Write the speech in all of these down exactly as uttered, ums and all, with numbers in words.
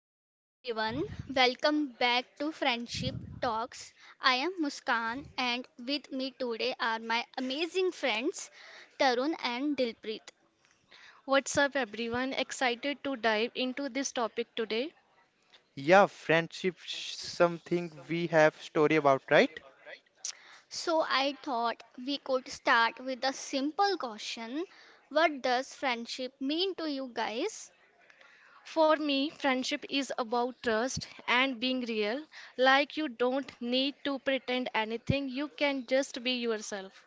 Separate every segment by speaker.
Speaker 1: Hi everyone, welcome back to Friendship Talks. I am Muskan and with me today are my amazing friends Tarun and Dilpreet.
Speaker 2: What's up, everyone? Excited to dive into this topic today.
Speaker 3: Yeah, friendship sh- something we have story about, right?
Speaker 1: So I thought we could start with a simple question. What does friendship mean to you guys?
Speaker 2: For me, friendship is about trust and being real. Like, you don't need to pretend anything, you can just be yourself.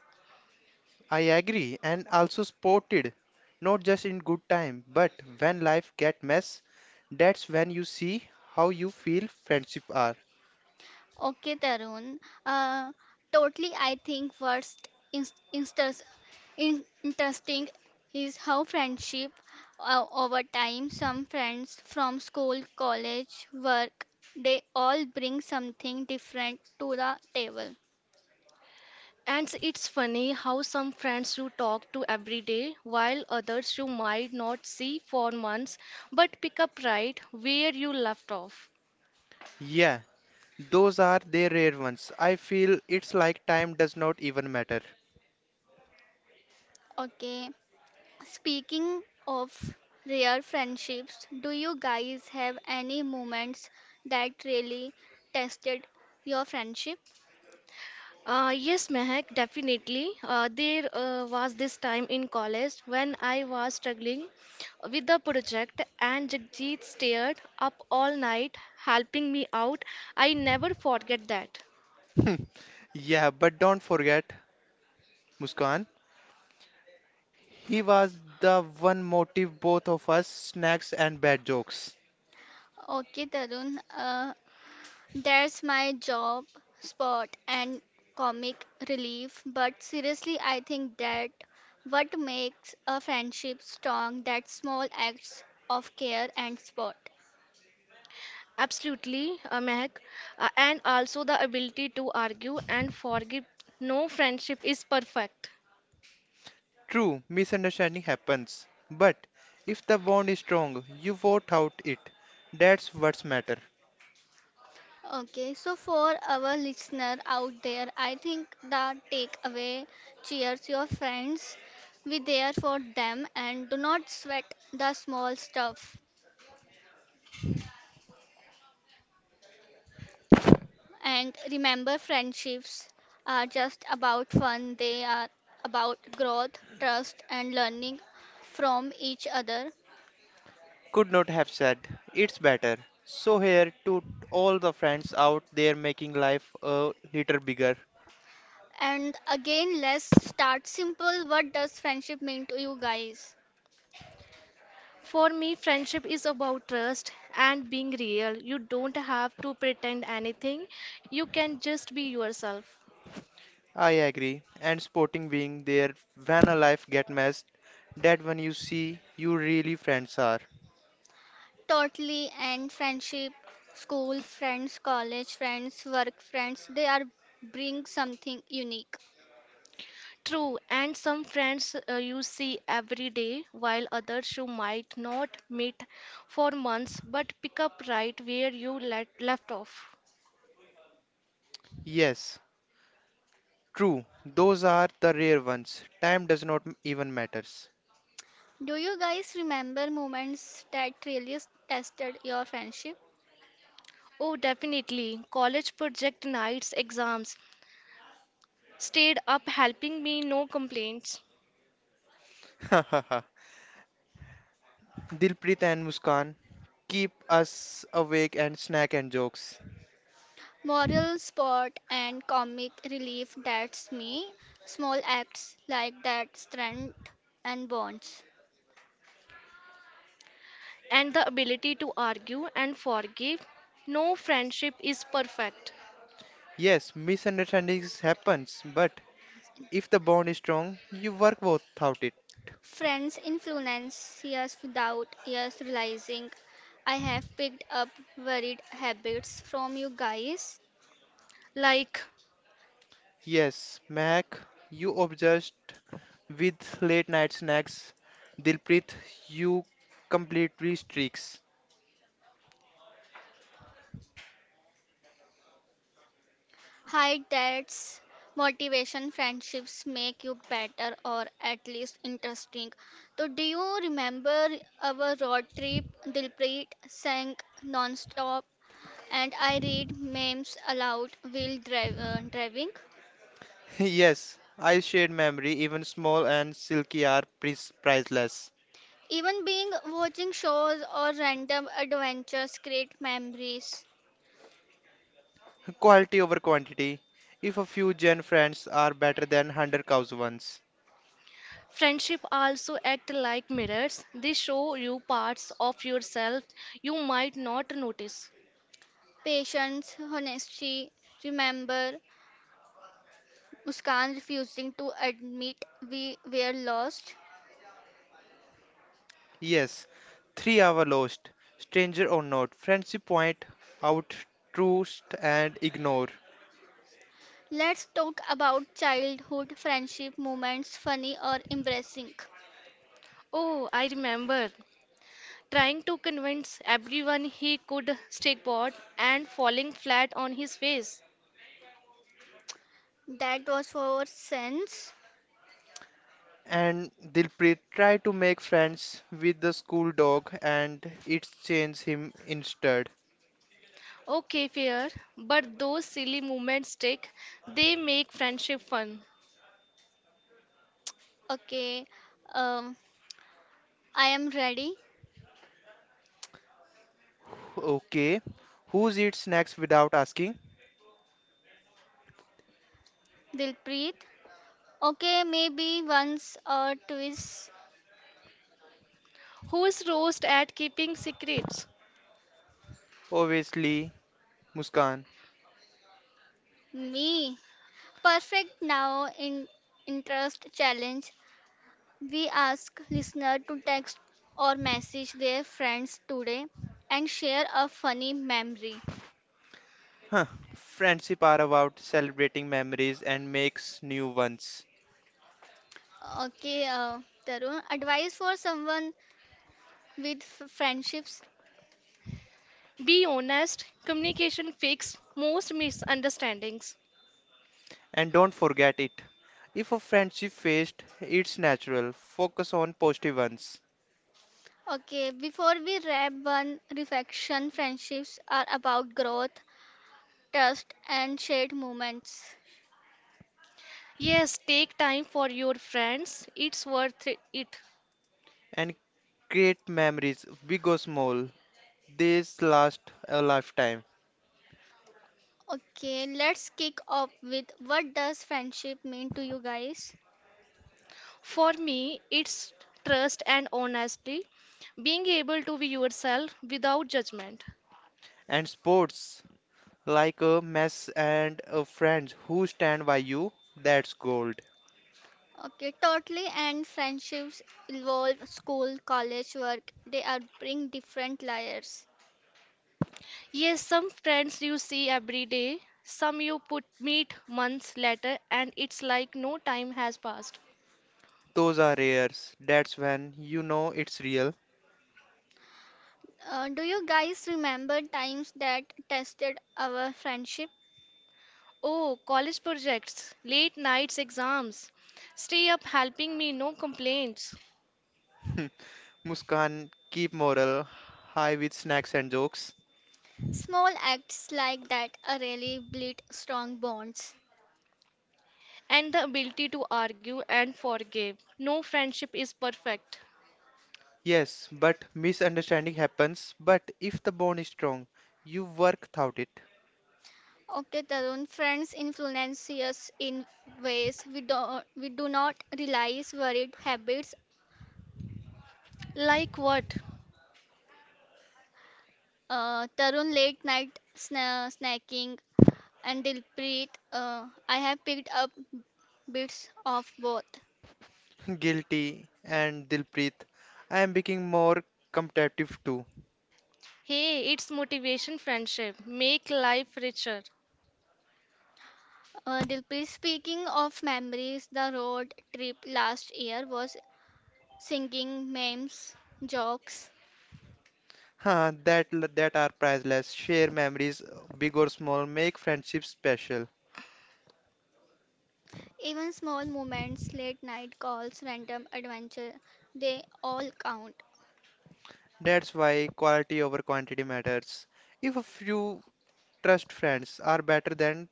Speaker 3: I agree, and also sported, not just in good time, but when life get mess, that's when you see how you feel friendship are.
Speaker 1: Okay Tarun, uh, totally I think first inst- instance In- Interesting is how friendship uh, over time, some friends from school, college, work, they all bring something different to the table.
Speaker 2: And it's funny how some friends you talk to every day, while others you might not see for months, but pick up right where you left off.
Speaker 3: Yeah, those are the rare ones. I feel it's like time does not even matter.
Speaker 1: Okay, speaking of rare friendships, do you guys have any moments that really tested your friendship?
Speaker 2: Uh, yes, Mehak, definitely. Uh, there uh, was this time in college when I was struggling with the project, and Jagjit stayed up all night helping me out. I never forget that.
Speaker 3: Yeah, but don't forget Muskan. He was the one motive both of us snacks and bad jokes.
Speaker 1: Okay, Tarun, uh, there's my job, sport, and comic relief. But seriously, I think that what makes a friendship strong that small acts of care and support.
Speaker 2: Absolutely, uh, Mehak. Uh, and also the ability to argue and forgive. No friendship is perfect.
Speaker 3: True, misunderstanding happens, but if the bond is strong, you vote out it. That's what's matter.
Speaker 1: Okay, so for our listener out there, I think the takeaway cheers your friends. Be there for them and do not sweat the small stuff. And remember, friendships are just about fun, they are about growth, trust, and learning from each other.
Speaker 3: Could not have said, it's better. So here to all the friends out there making life a little bigger.
Speaker 1: And again, let's start simple. What does friendship mean to you guys?
Speaker 2: For me, friendship is about trust and being real. You don't have to pretend anything, you can just be yourself.
Speaker 3: I agree, and sporting being there when a life get messed, that when you see you really friends are.
Speaker 1: Totally, and friendship, school friends, college friends, work friends, they are bring something unique.
Speaker 2: True, and some friends uh, you see every day, while others you might not meet for months but pick up right where you let, left off.
Speaker 3: Yes, true, those are the rare ones. Time does not even matters.
Speaker 1: Do you guys remember moments that really tested your friendship?
Speaker 2: Oh, definitely. College project nights, exams stayed up helping me, no complaints.
Speaker 3: Dilpreet and Muskan, keep us awake and snack and jokes.
Speaker 1: Moral support and comic relief that's me. Small acts like that strengthen and bonds.
Speaker 2: And the ability to argue and forgive. No friendship is perfect.
Speaker 3: Yes, misunderstandings happens, but if the bond is strong, you work without it.
Speaker 1: Friends influence us without us realizing. I have picked up varied habits from you guys.
Speaker 2: Like,
Speaker 3: Yes, Mac, you obsessed with late night snacks. Dilpreet, you completely streaks.
Speaker 1: Hide that's motivation friendships make you better or at least interesting. So do you remember our road trip? Dilpreet sang non-stop and I read memes aloud while dri- uh, driving.
Speaker 3: Yes, I shared memory, even small and silky are pris- priceless.
Speaker 1: Even being watching shows or random adventures create memories.
Speaker 3: Quality over quantity. If a few gen friends are better than one hundred cows ones.
Speaker 2: friendship also act like mirrors. They show you parts of yourself you might not notice.
Speaker 1: Patience, honesty, remember Muskan refusing to admit we were lost.
Speaker 3: Yes, three hour lost, stranger or not, friendship point out, trust and ignore.
Speaker 1: Let's talk about childhood friendship moments, funny or embarrassing.
Speaker 2: Oh, I remember trying to convince everyone he could stickboard and falling flat on his face.
Speaker 1: That was for sense.
Speaker 3: And Dilpreet tried to make friends with the school dog, and it changed him instead.
Speaker 2: Okay, fair, but those silly moments stick. They make friendship fun.
Speaker 1: Okay, um, I am ready.
Speaker 3: Okay, who's eats snacks without asking?
Speaker 1: Dilpreet, okay, maybe once or twice
Speaker 2: Who's roast at keeping secrets?
Speaker 3: Obviously, Muskan.
Speaker 1: me. Perfect now in interest challenge. We ask listener to text or message their friends today and share a funny memory.
Speaker 3: Huh. Friendship are about celebrating memories and makes new ones.
Speaker 1: Okay, uh, Tarun, advice for someone with f- friendships.
Speaker 2: Be honest, communication fix most misunderstandings.
Speaker 3: And don't forget it. If a friendship fails, it's natural. Focus on positive ones
Speaker 1: Okay, before we wrap one reflection, friendships are about growth, trust, and shared moments.
Speaker 2: Yes, take time for your friends. It's worth it.
Speaker 3: and create memories, big or small, these last a lifetime.
Speaker 1: Okay, let's kick off with what does friendship mean to you guys?
Speaker 2: For me, it's trust and honesty, being able to be yourself without judgment.
Speaker 3: And sports, like a mess and a friends who stand by you, that's gold.
Speaker 1: Okay, totally and friendships involve school, college, work. They are bring different layers.
Speaker 2: Yes, some friends you see every day, some you put meet months later, and it's like no time has passed.
Speaker 3: Those are rares. That's when you know it's real.
Speaker 1: Uh, do you guys remember times that tested our friendship?
Speaker 2: Oh, college projects, late nights exams, stay up helping me, no complaints,
Speaker 3: Muskan, keep moral high with snacks and jokes.
Speaker 1: Small acts like that are really build strong bonds.
Speaker 2: and the ability to argue and forgive. No friendship is perfect.
Speaker 3: Yes, but misunderstanding happens. But if the bond is strong, you work without it.
Speaker 1: Okay, Tarun, friends influence us in ways we don't we do not realize. Worried habits
Speaker 2: Like what?
Speaker 1: uh, Tarun late night sna- snacking, and Dilpreet. Uh, I have picked up bits of both.
Speaker 3: Guilty, and Dilpreet, I am becoming more competitive too.
Speaker 2: Hey, it's motivation friendship. Make life richer.
Speaker 1: Uh, Dilpreet, speaking of memories, the road trip last year was singing memes, jokes,
Speaker 3: Huh, that l- that are priceless. Share memories, uh, big or small, make friendships special.
Speaker 1: even small moments, late night calls, random adventure, they all count.
Speaker 3: That's why quality over quantity matters. If a few trust friends are better than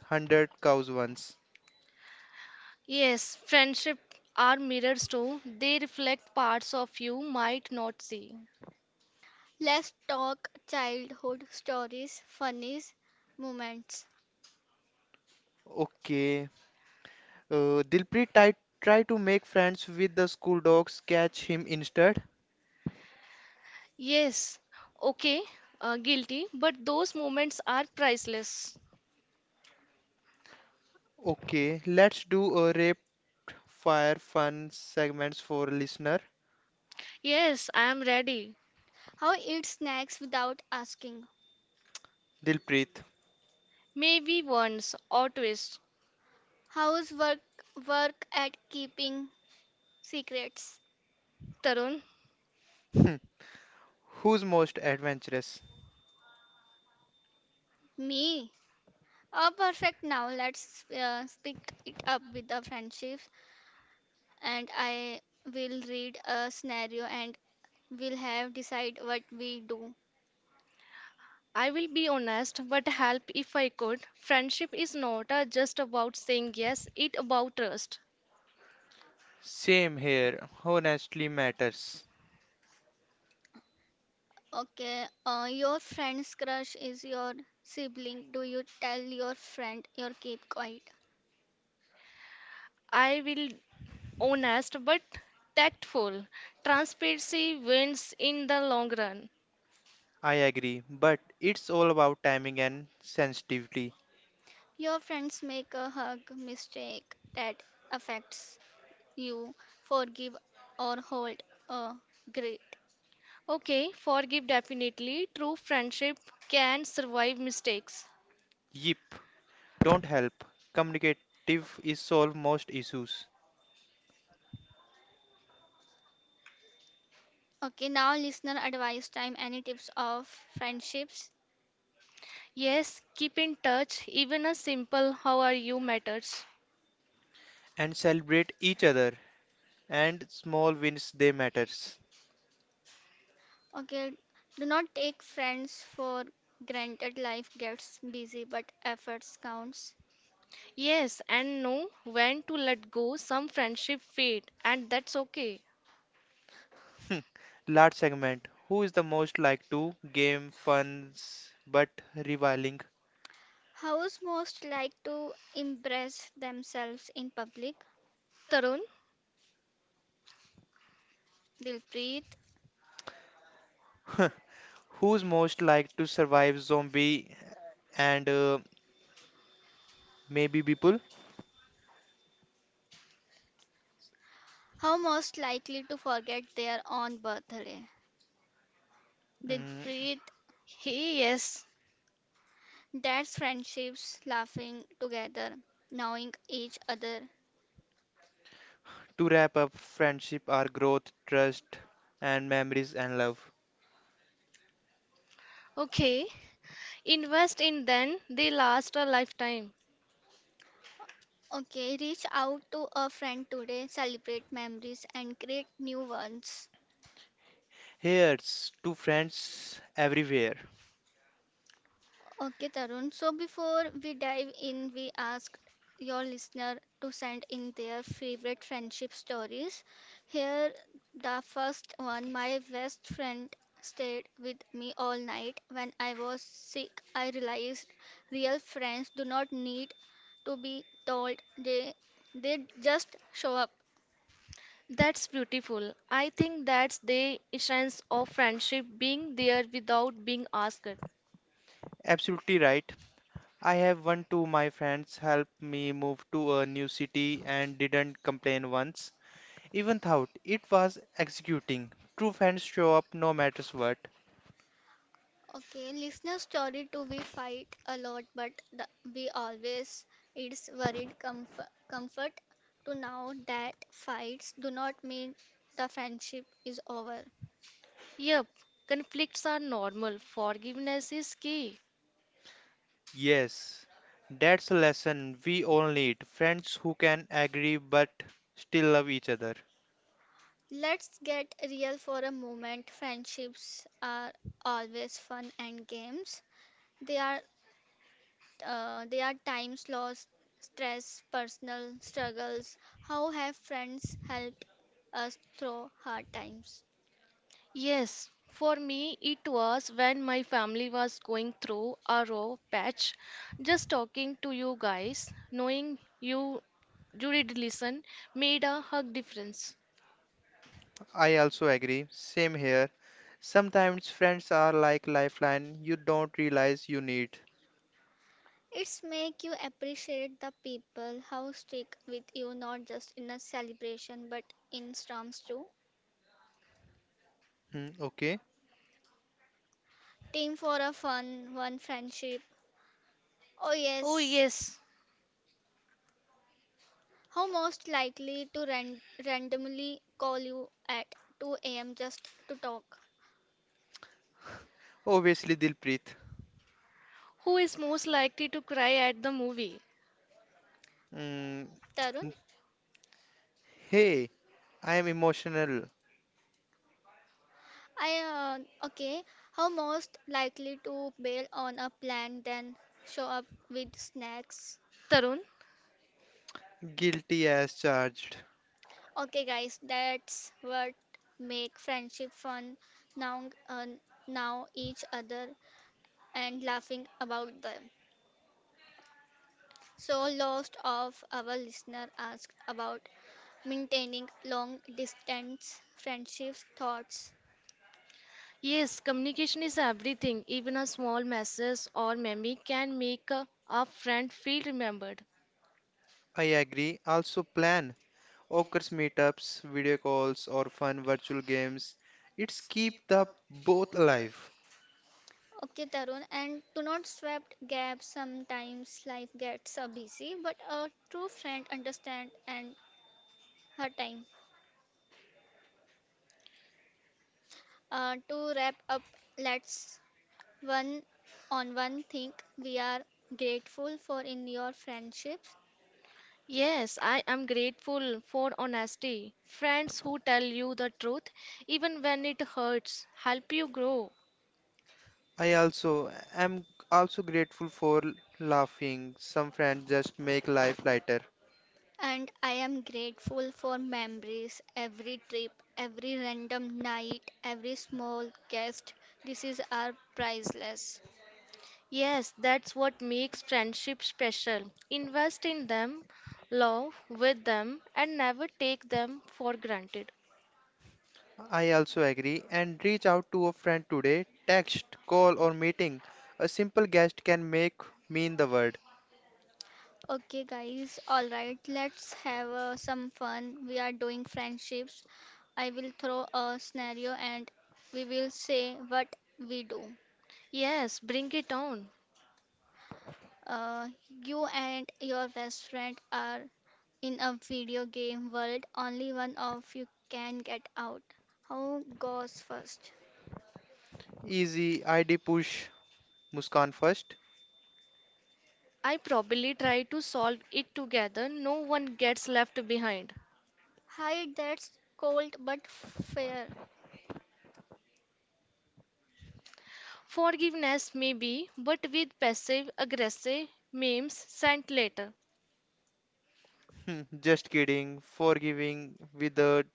Speaker 3: hundred cows ones.
Speaker 2: Yes, friendship are mirrors too. They reflect parts of you might not see.
Speaker 1: Let's talk childhood stories, funnies, moments.
Speaker 3: Okay. Uh, Dilpreet tried try to make friends with the school dogs. Catch him instead.
Speaker 2: Yes, okay, uh, guilty, but those moments are priceless.
Speaker 3: Okay. Let's do a rapid fire fun segments for listener.
Speaker 2: Yes, I am ready.
Speaker 1: How eat snacks without asking?
Speaker 3: Dilpreet.
Speaker 2: Maybe once or twice.
Speaker 1: How's work work at keeping secrets?
Speaker 2: Tarun,
Speaker 3: Who's most adventurous?
Speaker 1: Me? Oh, perfect. Now let's uh, speak it up with the friendships, and I will read a scenario, and we'll have decide what we do.
Speaker 2: I will be honest, but help if I could. Friendship is not uh, just about saying yes, it about trust.
Speaker 3: Same here, honestly matters.
Speaker 1: Okay. Uh, your friend's crush is your sibling. Do you tell your friend or keep quiet?
Speaker 2: I will honest, but tactful. Transparency wins in the long run.
Speaker 3: I agree, but it's all about timing and sensitivity.
Speaker 1: Your friends make a hug mistake that affects you. Forgive or hold a grudge.
Speaker 2: Okay, forgive definitely. True friendship can survive mistakes.
Speaker 3: Yip, don't help. Communicative is solve most issues
Speaker 1: Okay, now listener advice time. Any tips of friendships?
Speaker 2: Yes, keep in touch. Even a simple how are you matters.
Speaker 3: and celebrate each other and small wins they matters.
Speaker 1: Okay, do not take friends for granted. Life gets busy, but efforts counts.
Speaker 2: Yes, and know when to let go. Some friendship fade, and that's okay.
Speaker 3: Hmm. Large segment. Who is the most like to game funs but reviling?
Speaker 1: Hows most like to impress themselves in public?
Speaker 2: Tarun?
Speaker 1: Dilpreet.
Speaker 3: Huh. Who's most like to survive zombie and uh, maybe people?
Speaker 1: How most likely to forget their own birthday?
Speaker 3: Mm.
Speaker 1: Dilpreet.
Speaker 2: Hey, yes.
Speaker 1: That's friendships, laughing together, knowing each other.
Speaker 3: To wrap up, friendship are growth, trust, and memories and love.
Speaker 2: Okay. Invest in them, they last a lifetime.
Speaker 1: Okay, reach out to a friend today, celebrate memories and create new ones.
Speaker 3: Here's to friends everywhere.
Speaker 1: Okay, Tarun. So before we dive in, we asked your listener to send in their favorite friendship stories. Here, the first one my best friend stayed with me all night when I was sick. I realized real friends do not need to be told, they, they just show up.
Speaker 2: That's beautiful. I think that's the essence of friendship being there without being asked.
Speaker 3: Absolutely right. I have one, to my friends helped me move to a new city and didn't complain once. Even thought it was executing. True friends show up no matters what.
Speaker 1: Okay, listener story too. We fight a lot, but the, we always it's worried comfort, comfort to know that fights do not mean the friendship is over.
Speaker 2: Yep, conflicts are normal. Forgiveness is key.
Speaker 3: Yes, that's a lesson we all need. Friends who can agree but still love each other.
Speaker 1: Let's get real for a moment. Friendships are always fun and games. They are uh, they are times lost, stress, personal struggles. How have friends helped us through hard times?
Speaker 2: Yes, for me, it was when my family was going through a rough patch. Just talking to you guys, knowing you, you did listen, made a hug difference.
Speaker 3: I also agree. Same here. Sometimes friends are like lifeline you don't realize you need.
Speaker 1: It's make you appreciate the people how stick with you not just in a celebration but in storms too.
Speaker 3: Hmm, okay.
Speaker 1: Team for a fun one friendship. Oh
Speaker 2: Oh,
Speaker 1: yes.
Speaker 2: yes.
Speaker 1: How most likely to ran- randomly call you at two a m just to talk.
Speaker 3: Obviously, Dilpreet.
Speaker 2: Who is most likely to cry at the movie?
Speaker 3: Mm,
Speaker 1: Tarun,
Speaker 3: hey, I am emotional.
Speaker 1: I uh, okay. How most likely to bail on a plan then show up with snacks?
Speaker 2: Tarun?
Speaker 3: Guilty as charged.
Speaker 1: Okay, guys, that's what make friendship fun. Now, uh, now each other and laughing about them. So, most of our listener asked about maintaining long distance friendships thoughts.
Speaker 2: Yes, communication is everything. Even a small message or meme can make a, a friend feel remembered.
Speaker 3: I agree. Also plan. Occurs meetups, video calls, or fun virtual games. It's keep the both alive.
Speaker 1: Okay, Tarun, and do not sweep gaps. Sometimes life gets uh, busy, but a true friend understands and her time. Uh, to wrap up, let's one on one thing we are grateful for in your friendships,
Speaker 2: Yes, I am grateful for honesty. Friends who tell you the truth, even when it hurts, help you grow.
Speaker 3: I also am also grateful for laughing. Some friends just make life lighter.
Speaker 1: and I am grateful for memories, every trip, every random night, every small guest. This is our priceless.
Speaker 2: Yes, that's what makes friendship special. Invest in them, love with them, and never take them for granted.
Speaker 3: I also agree, and reach out to a friend today. Text, call, or meeting. A simple guest can make mean the word.
Speaker 1: Okay, guys, all right, let's have uh, some fun. We are doing friendships. I will throw a scenario and we will say what we do.
Speaker 2: Yes, bring it on.
Speaker 1: Uh, you and your best friend are in a video game world, only one of you can get out. Who goes first?
Speaker 3: Easy I D push Muskan first.
Speaker 2: I probably try to solve it together. No one gets left behind.
Speaker 1: Hi, that's cold but fair.
Speaker 2: Forgiveness, maybe, but with passive aggressive memes sent later.
Speaker 3: Hmm, just kidding. Forgiving with the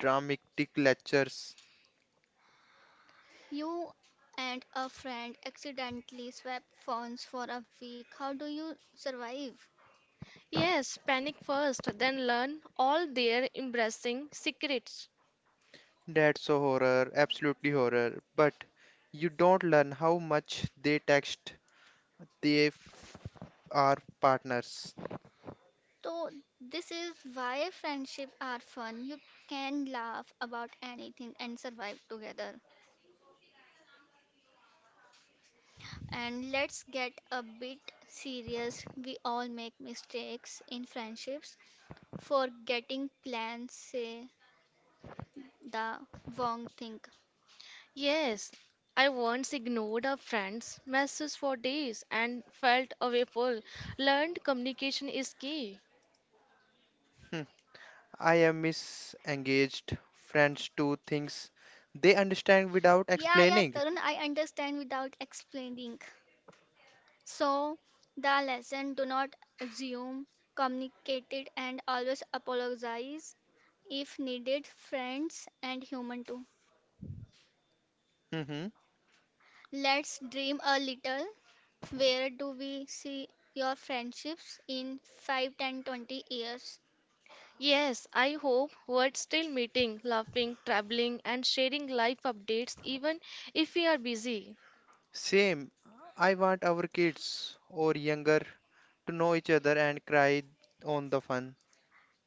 Speaker 3: dramatic lectures.
Speaker 1: You and a friend accidentally swapped phones for a week. How do you survive?
Speaker 2: Yes, panic first, then learn all their embarrassing secrets.
Speaker 3: That's a horror, absolutely horror. But you don't learn how much they text. They f- are partners.
Speaker 1: So, this is why friendships are fun. You can laugh about anything and survive together. And let's get a bit serious. We all make mistakes in friendships. For getting plans say the wrong thing.
Speaker 2: Yes, I once ignored a friend's messages for days and felt awful. Learned communication is key.
Speaker 3: I am misengaged. Friends do things they understand without
Speaker 1: Yeah, yeah,
Speaker 3: explaining.
Speaker 1: Tarun, I understand without explaining. So, the lesson do not assume, communicate it, and always apologize if needed, friends and human too.
Speaker 3: Hmm.
Speaker 1: Let's dream a little. Where do we see your friendships in five, ten, twenty years?
Speaker 2: Yes, I hope we're still meeting, laughing, traveling, and sharing life updates even if we are busy.
Speaker 3: Same. I want our kids or younger to know each other and cry on the fun.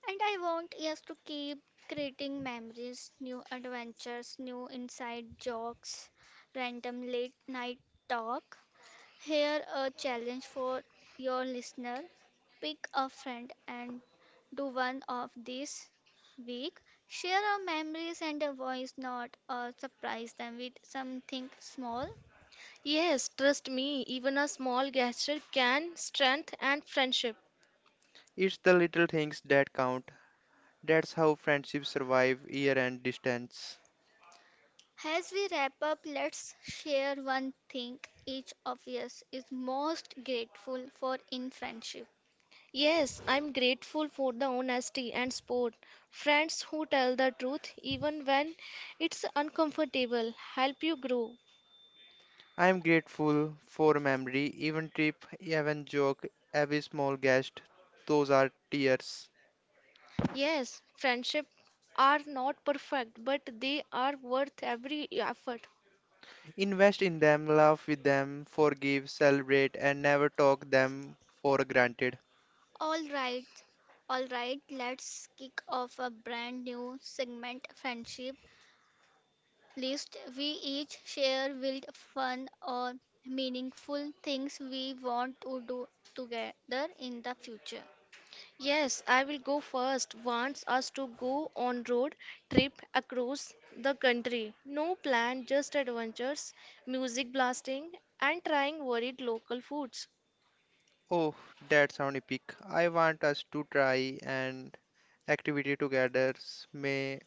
Speaker 1: And I want us to keep creating memories, new adventures, new inside jokes, random late night talk. Here a challenge for your listener. Pick a friend and do one of these week. Share our memories and a voice note or surprise them with something small.
Speaker 2: Yes, trust me, even a small gesture can strengthen and friendship.
Speaker 3: It's the little things that count. That's how friendships survive year and distance.
Speaker 1: As we wrap up, let's share one thing each of us is most grateful for in friendship.
Speaker 2: Yes, I'm grateful for the honesty and sport. Friends who tell the truth even when it's uncomfortable help you grow.
Speaker 3: I am grateful for memory, even trip, even joke, every small guest. Those are tears.
Speaker 2: Yes, friendship are not perfect, but they are worth every effort.
Speaker 3: Invest in them, laugh with them, forgive, celebrate, and never talk them for granted.
Speaker 1: All right, all right, let's kick off a brand new segment friendship list. We each share wild fun or meaningful things we want to do together in the future.
Speaker 2: Yes, I will go first. Wants us to go on road trip across the country. No plan, just adventures, music blasting, and trying varied local foods.
Speaker 3: Oh, that sound epic. I want us to try an activity together, may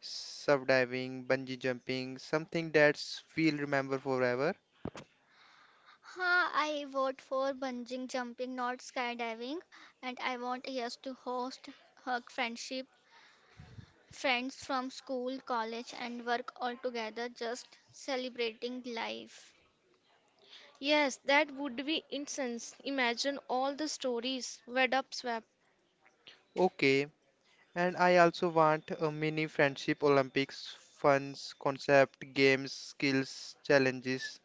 Speaker 3: subdiving, bungee jumping, something that's we'll remember forever.
Speaker 1: Huh, I vote for bungee jumping, not skydiving, and I want yes to host her friendship friends from school, college, and work all together, just celebrating life.
Speaker 2: Yes, that would be incense. Imagine all the stories Wed Up Swap.
Speaker 3: Okay, and I also want a mini friendship Olympics, funs, concept, games, skills, challenges.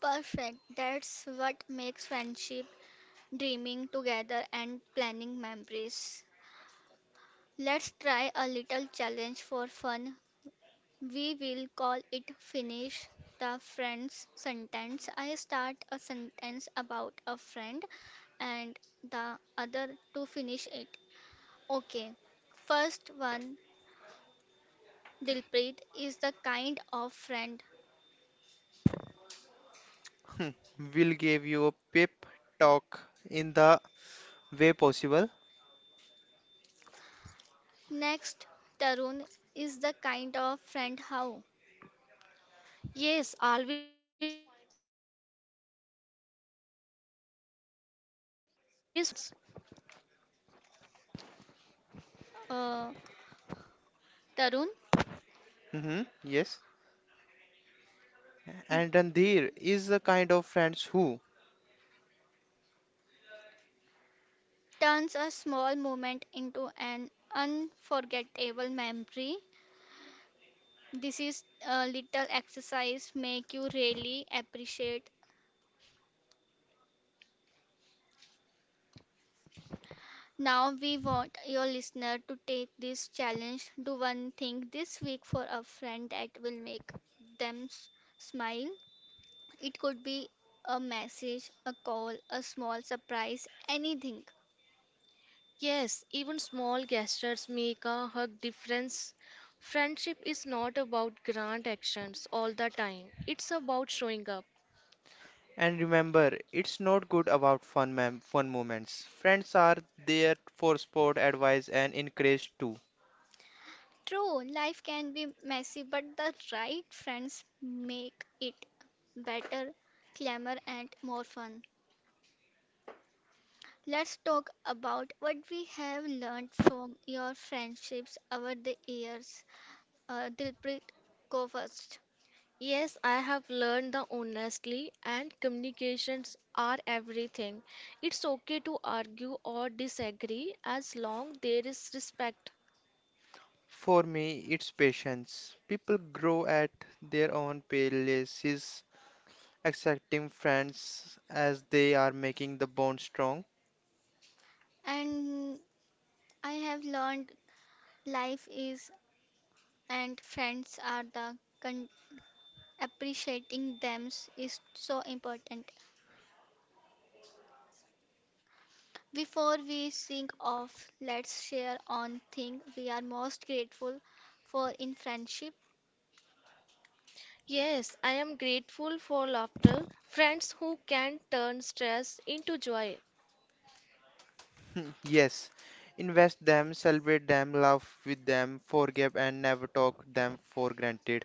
Speaker 1: Perfect. That's what makes friendship, dreaming together, and planning memories. Let's try a little challenge for fun. We will call it Finish the Friend's Sentence. I start a sentence about a friend and the other to finish it. Okay. First one, Dilpreet, is the kind of friend.
Speaker 3: We'll give you a pep talk in the way possible.
Speaker 1: Next, Tarun is the kind of friend how?
Speaker 2: Yes, always finds a way to make you laugh, even at the roast moments.
Speaker 1: Uh, Tarun?
Speaker 3: Hmm, yes. And Randhir is the kind of friends who,
Speaker 1: Turns a small moment into an unforgettable memory. This is a little exercise make you really appreciate. Now we want your listener to take this challenge. Do one thing this week for a friend that will make them s- smile. It could be a message, a call, a small surprise, anything.
Speaker 2: Yes, even small gestures make a hug difference. Friendship is not about grand actions all the time. It's about showing up.
Speaker 3: and remember, it's not good about fun, mem- fun moments. Friends are there for sport, advice, and encourage too.
Speaker 1: True, life can be messy, but the right friends make it better, calmer, and more fun. Let's talk about what we have learned from your friendships over the years. Uh, Dilpreet, go first.
Speaker 2: Yes, I have learned that honestly and communications are everything. It's okay to argue or disagree as long there is respect.
Speaker 3: For me, it's patience. People grow at their own paces, accepting friends as they are making the bond strong.
Speaker 1: And I have learned life is and friends are the con- appreciating them is so important. Before we sing off, let's share on thing we are most grateful for in friendship.
Speaker 2: Yes, I am grateful for laughter, friends who can turn stress into joy.
Speaker 3: Hmm, yes, invest them, celebrate them, laugh with them, forgive and never talk them for granted.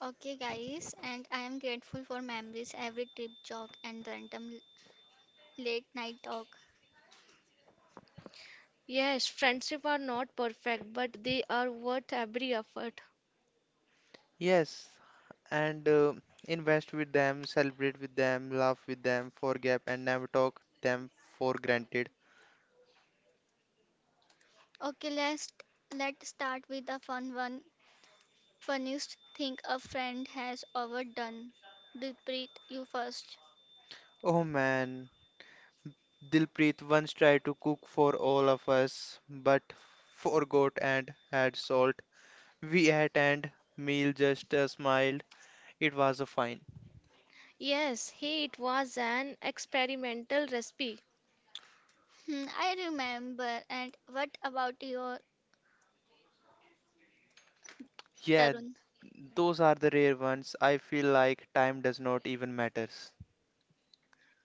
Speaker 1: Okay, guys, and I am grateful for memories, every trip, jog, and the random late night talk.
Speaker 2: Yes, friendship are not perfect, but they are worth every effort.
Speaker 3: Yes, and uh, invest with them, celebrate with them, laugh with them, forgive and never talk them for granted.
Speaker 1: Okay, let's let's start with the fun one. Funniest thing a friend has ever done. Deepreet, you first.
Speaker 3: Oh man, Dilpreet once tried to cook for all of us, but forgot and had salt. We ate and meal just uh, smiled. It was a fine.
Speaker 2: Yes, he it was an experimental recipe.
Speaker 1: Hmm, I remember. And what about your
Speaker 3: Yeah,
Speaker 1: Tarun?
Speaker 3: those are the rare ones. I feel like time does not even matters.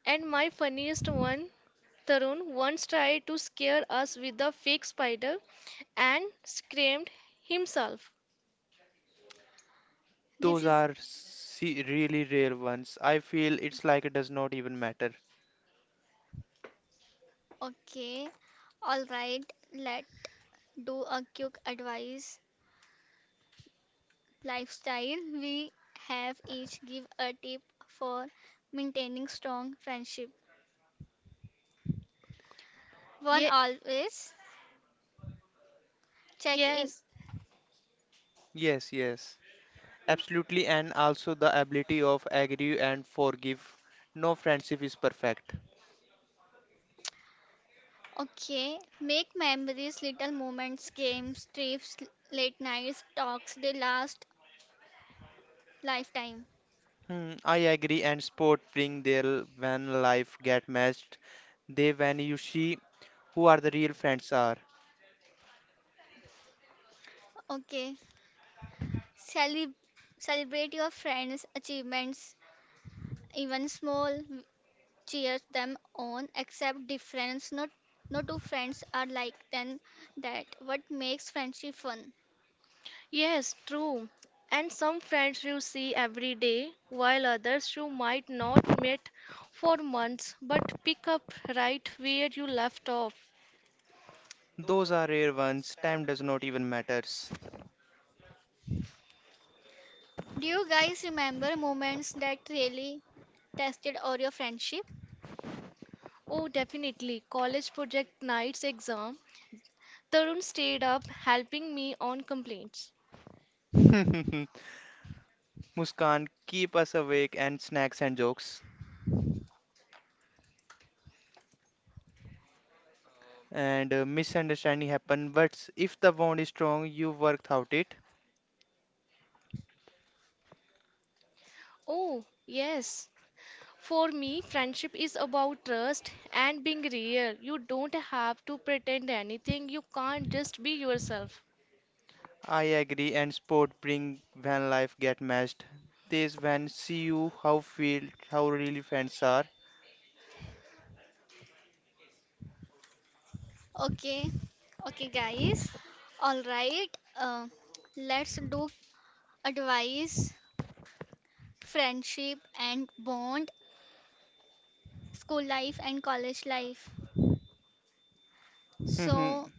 Speaker 2: And my funniest one, Tarun once tried to scare us with a fake spider and screamed himself.
Speaker 1: This
Speaker 3: Those
Speaker 1: is
Speaker 3: are se- really rare ones. I feel it's like it does not even matter.
Speaker 1: okay. All right, let do a quick advice lifestyle. We have each give a tip for maintaining strong friendship. One
Speaker 2: Ye-
Speaker 1: always check in.
Speaker 2: Yes.
Speaker 3: Yes, yes. Absolutely, and also the ability of agree and forgive. No friendship is perfect.
Speaker 1: Okay, make memories, little moments, games, trips, late nights, talks. They last lifetime.
Speaker 3: Hmm, I agree, and sport bring their when life get matched. They when you see who are the real friends are.
Speaker 1: Okay, Celeb- celebrate your friends' achievements, even small cheers them on except difference not no two friends are like then that what makes friendship fun
Speaker 2: Yes, true. And some friends you see every day, while others you might not meet for months, but pick up right where you left off.
Speaker 3: Those are rare ones. Time does not even matters.
Speaker 1: do you guys remember moments that really tested all your friendship
Speaker 2: Oh, definitely. College project nights exam. Tarun stayed up helping me on complaints.
Speaker 3: Muskan, keep us awake and snacks and jokes. And uh, misunderstanding happen, but if the bond is strong, you work out it.
Speaker 2: Oh, yes. For me, friendship is about trust and being real. You don't have to pretend anything. You can't just be yourself.
Speaker 3: I agree and sport bring when life get matched. This when see you how feel how really friends are.
Speaker 1: okay okay guys all right uh, let's do advice friendship and bond school life and college life
Speaker 3: Mhm.
Speaker 1: so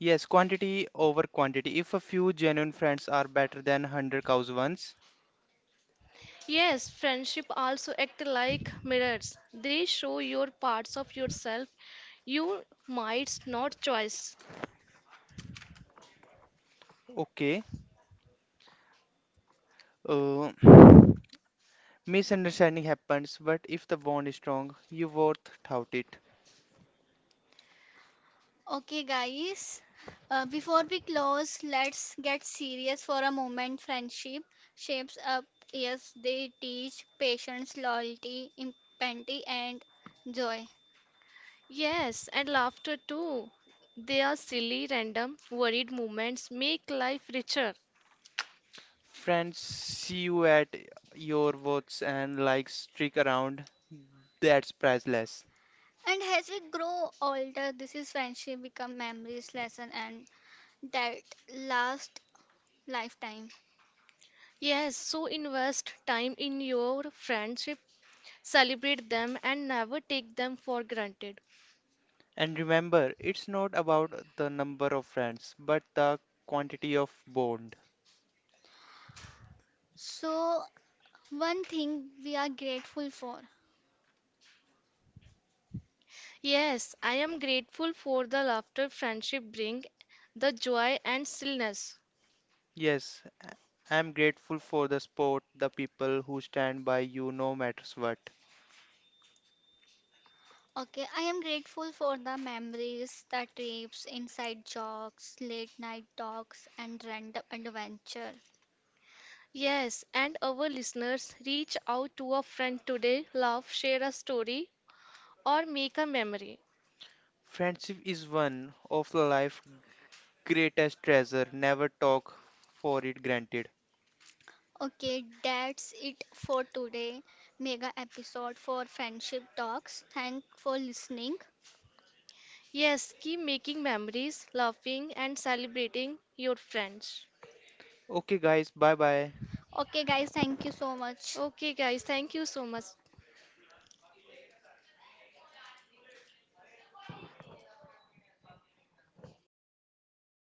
Speaker 3: Yes, quantity over quantity. If a few genuine friends are better than hundred cows ones,
Speaker 2: Yes, friendship also act like mirrors. They show your parts of yourself you might not choose.
Speaker 3: okay. Uh, Misunderstanding happens, but if the bond is strong, you worth tout it.
Speaker 1: okay, guys, uh, before we close, let's get serious for a moment. Friendship shapes up, yes, they teach patience, loyalty, empathy, and joy.
Speaker 2: Yes, and laughter too. They are silly, random, worried moments make life richer.
Speaker 3: Friends see you at your worths and like streak around. That's priceless.
Speaker 1: And as we grow older, this is friendship become memories, lesson, and that last lifetime.
Speaker 2: Yes, so invest time in your friendship, celebrate them and never take them for granted.
Speaker 3: And remember, it's not about the number of friends, but the quantity of bond.
Speaker 1: So, one thing we are grateful for
Speaker 2: Yes, I am grateful for the laughter friendship bring, the joy and stillness.
Speaker 3: Yes, I- I'm grateful for the sport, the people who stand by you no matters what.
Speaker 1: okay, I am grateful for the memories, the trips, inside jokes, late night talks, and random adventure.
Speaker 2: Yes, and our listeners reach out to a friend today, laugh, share a story, or make a memory.
Speaker 3: Friendship is one of the life's greatest treasure. Never talk for it granted.
Speaker 1: Okay, that's it for today mega episode for friendship talks. Thank for listening.
Speaker 2: Yes, keep making memories, laughing, and celebrating your friends.
Speaker 3: Okay guys, bye bye.
Speaker 1: Okay, guys, thank you so much.
Speaker 2: Okay, guys, thank you so much.